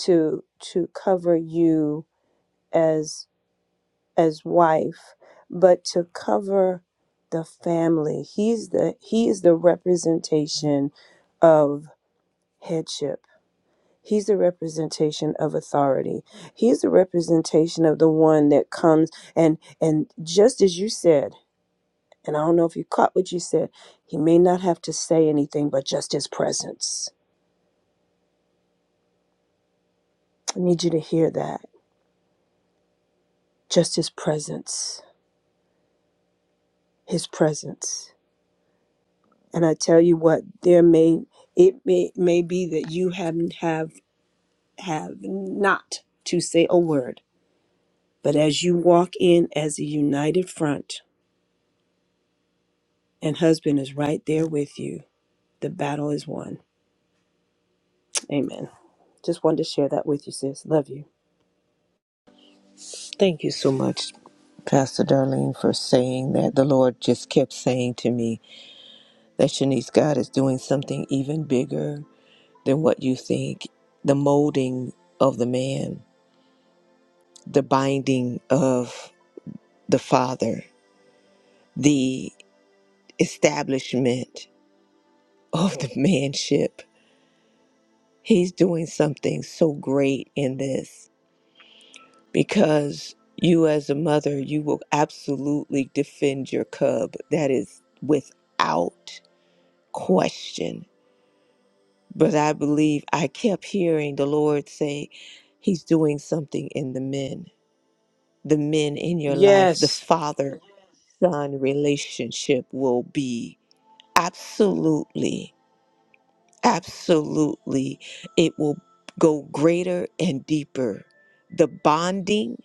Speaker 3: to to cover you as as wife, but to cover the family. He's the he is the representation of headship He's a representation of authority. He's a representation of the one that comes and and just as you said, and I don't know if you caught what you said, he may not have to say anything but just his presence. I need you to hear that. Just his presence. His presence. And I tell you what, there may it may may be that you haven't have have not to say a word. But as you walk in as a united front, and husband is right there with you The battle is won. Amen. Just wanted to share that with you, sis. Love you.
Speaker 1: Thank you so much, Pastor Darlene, for saying that. The Lord just kept saying to me that Shanice, God is doing something even bigger than what you think. The molding of the man, the binding of the father, the establishment of the manship. He's doing something so great in this. because you as a mother you will absolutely defend your cub that is without question but i believe i kept hearing the lord say he's doing something in the men the men in your life the
Speaker 3: Yes.
Speaker 1: father son relationship will be absolutely absolutely it will go greater and deeper the bonding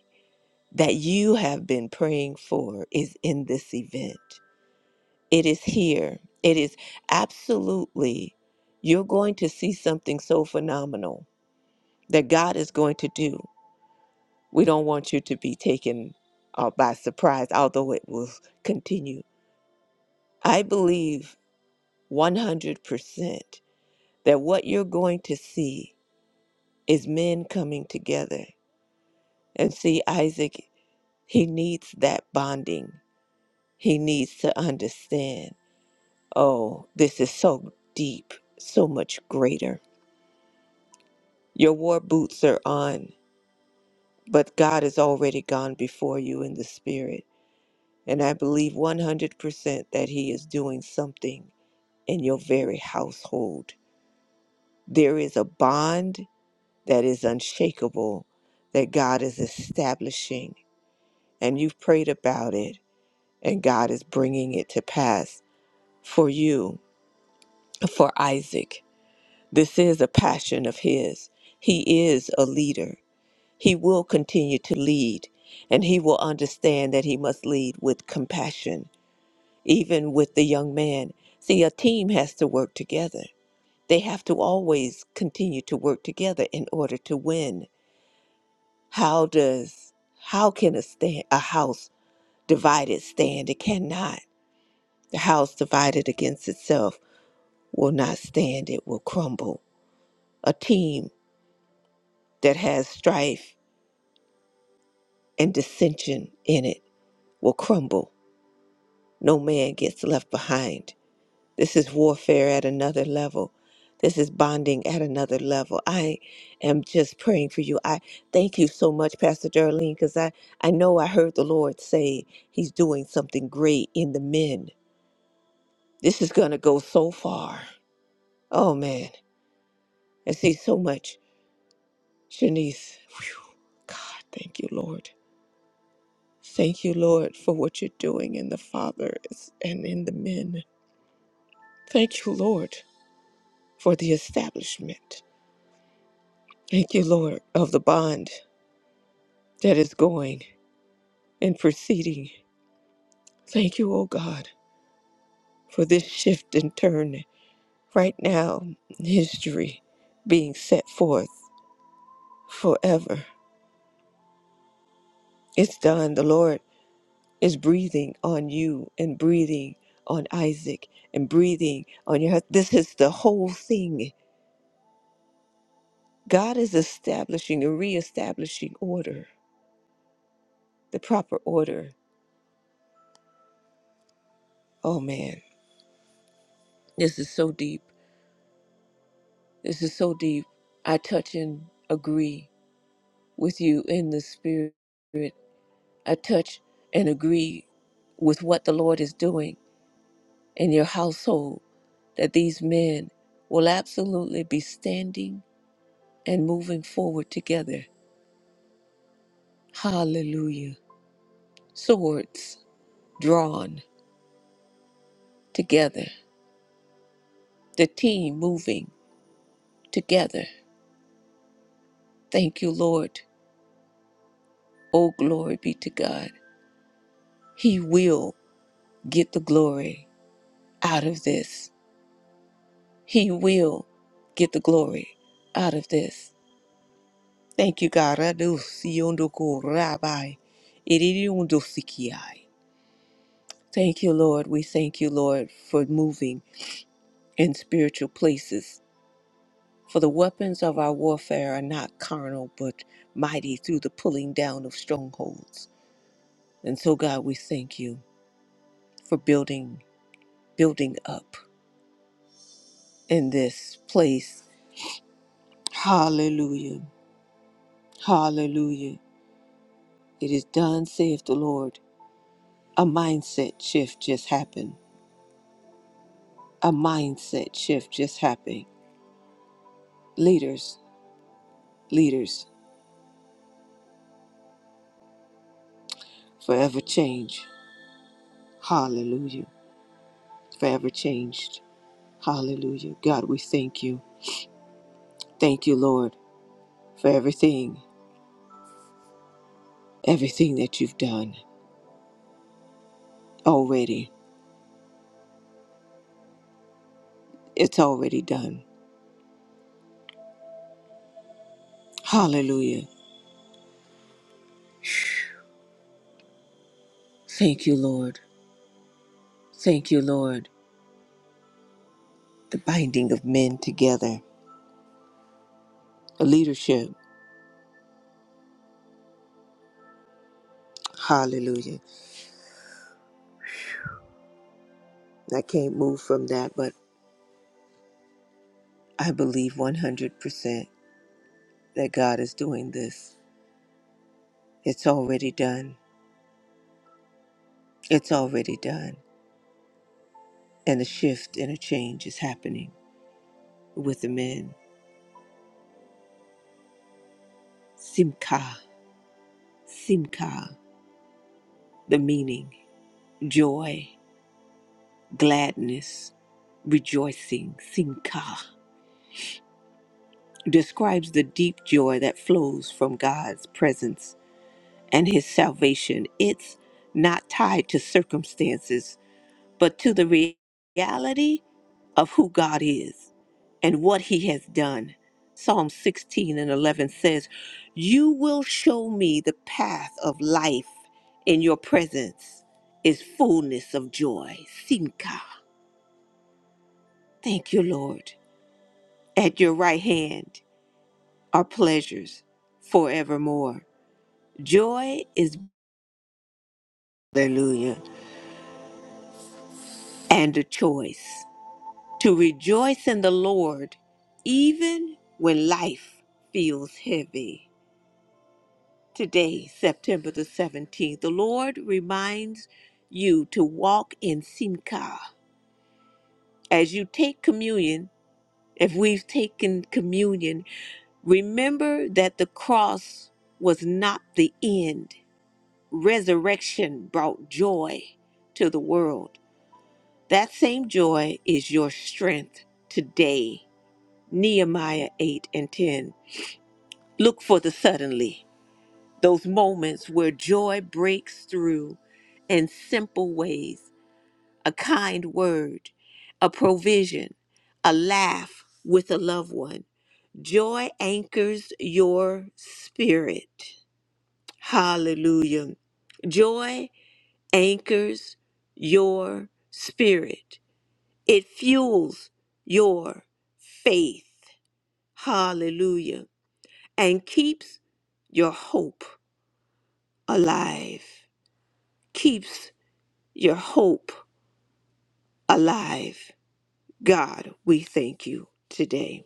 Speaker 1: that you have been praying for is in this event. It is here. It is absolutely, you're going to see something so phenomenal that God is going to do. We don't want you to be taken uh, by surprise, although it will continue. I believe 100% that what you're going to see is men coming together. And see, Isaac, he needs that bonding, he needs to understand. Oh, this is so deep, so much greater. Your war boots are on, but God has already gone before you in the spirit. And I believe 100% that He is doing something in your very household. There is a bond that is unshakable that God is establishing. And you've prayed about it, and God is bringing it to pass for you, for Isaac. This is a passion of his. He is a leader. He will continue to lead, and he will understand that he must lead with compassion, even with the young man. See, a team has to work together. They have to always continue to work together in order to win. How does how can a stand a house divided stand? It cannot. The house divided against itself will not stand. It will crumble. A team that has strife and dissension in it will crumble. No man gets left behind. This is warfare at another level. This is bonding at another level. I am just praying for you. I thank you so much, Pastor Darlene, because I, I know I heard the Lord say he's doing something great in the men. This is going to go so far. Oh, man. I see so much. Shanice, whew, God, thank you, Lord. Thank you, Lord, for what you're doing in the fathers and in the men. Thank you, Lord, for the establishment. Thank you, Lord, of the bond that is going and proceeding. Thank you, O God, for this shift and turn right now in history being set forth forever. It's done. The Lord is breathing on you and breathing on Isaac and breathing on your husband. This is the whole thing. God is establishing and reestablishing order, the proper order. Oh man. This is so deep. This is so deep. I touch and agree with you in the spirit. I touch and agree with what the Lord is doing in your household, that these men will absolutely be standing and moving forward together. Hallelujah. Swords drawn together, the team moving together. Thank you, Lord. Oh, glory be to God. He will get the glory. out of this. He will get the glory out of this. Thank you, God. Adusiondoku rabai, iridiondosikiai. Thank you, Lord. We thank you, Lord, for moving in spiritual places. For the weapons of our warfare are not carnal, but mighty through the pulling down of strongholds. And so, God, we thank you for building, building up in this place. Hallelujah. Hallelujah. It is done, saith the Lord. A mindset shift just happened. A mindset shift just happened. Leaders, leaders, forever change. Hallelujah. Forever changed. Hallelujah. God, we thank you. Thank you, Lord, for everything, everything that you've done already. It's already done. Hallelujah. Thank you, Lord. Thank you, Lord. The binding of men together. Leadership. Hallelujah. I can't move from that, but I believe 100% that God is doing this. It's already done. It's already done. And a shift and a change is happening with the men. Simka, simka, the meaning, joy, gladness, rejoicing, simka, describes the deep joy that flows from God's presence and his salvation. It's not tied to circumstances but to the re- reality of who God is and what he has done. Psalm 16 and 11 says, You will show me the path of life. In your presence is fullness of joy. Simka. Thank you, Lord. At your right hand are pleasures forevermore. Joy is, hallelujah, and a choice. to rejoice in the Lord even when life feels heavy. Today, September the 17th, the Lord reminds you to walk in Simcha. As you take communion, if we've taken communion, remember that the cross was not the end. Resurrection brought joy to the world. That same joy is your strength today. Nehemiah 8 and 10. Look for the suddenly, those moments where joy breaks through in simple ways a kind word, a provision, a laugh with a loved one. Joy anchors your spirit. Hallelujah. Joy anchors your spirit, it fuels your faith. Hallelujah. and keeps your hope alive. Keeps your hope alive. God, we thank you today.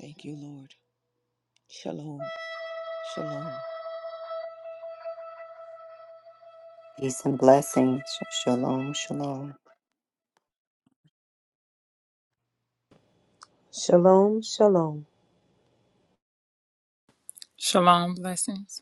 Speaker 1: Thank you, Lord. Shalom. Shalom.
Speaker 2: Peace and blessings. Sh- Shalom, shalom.
Speaker 3: Shalom, shalom.
Speaker 5: Shalom blessings.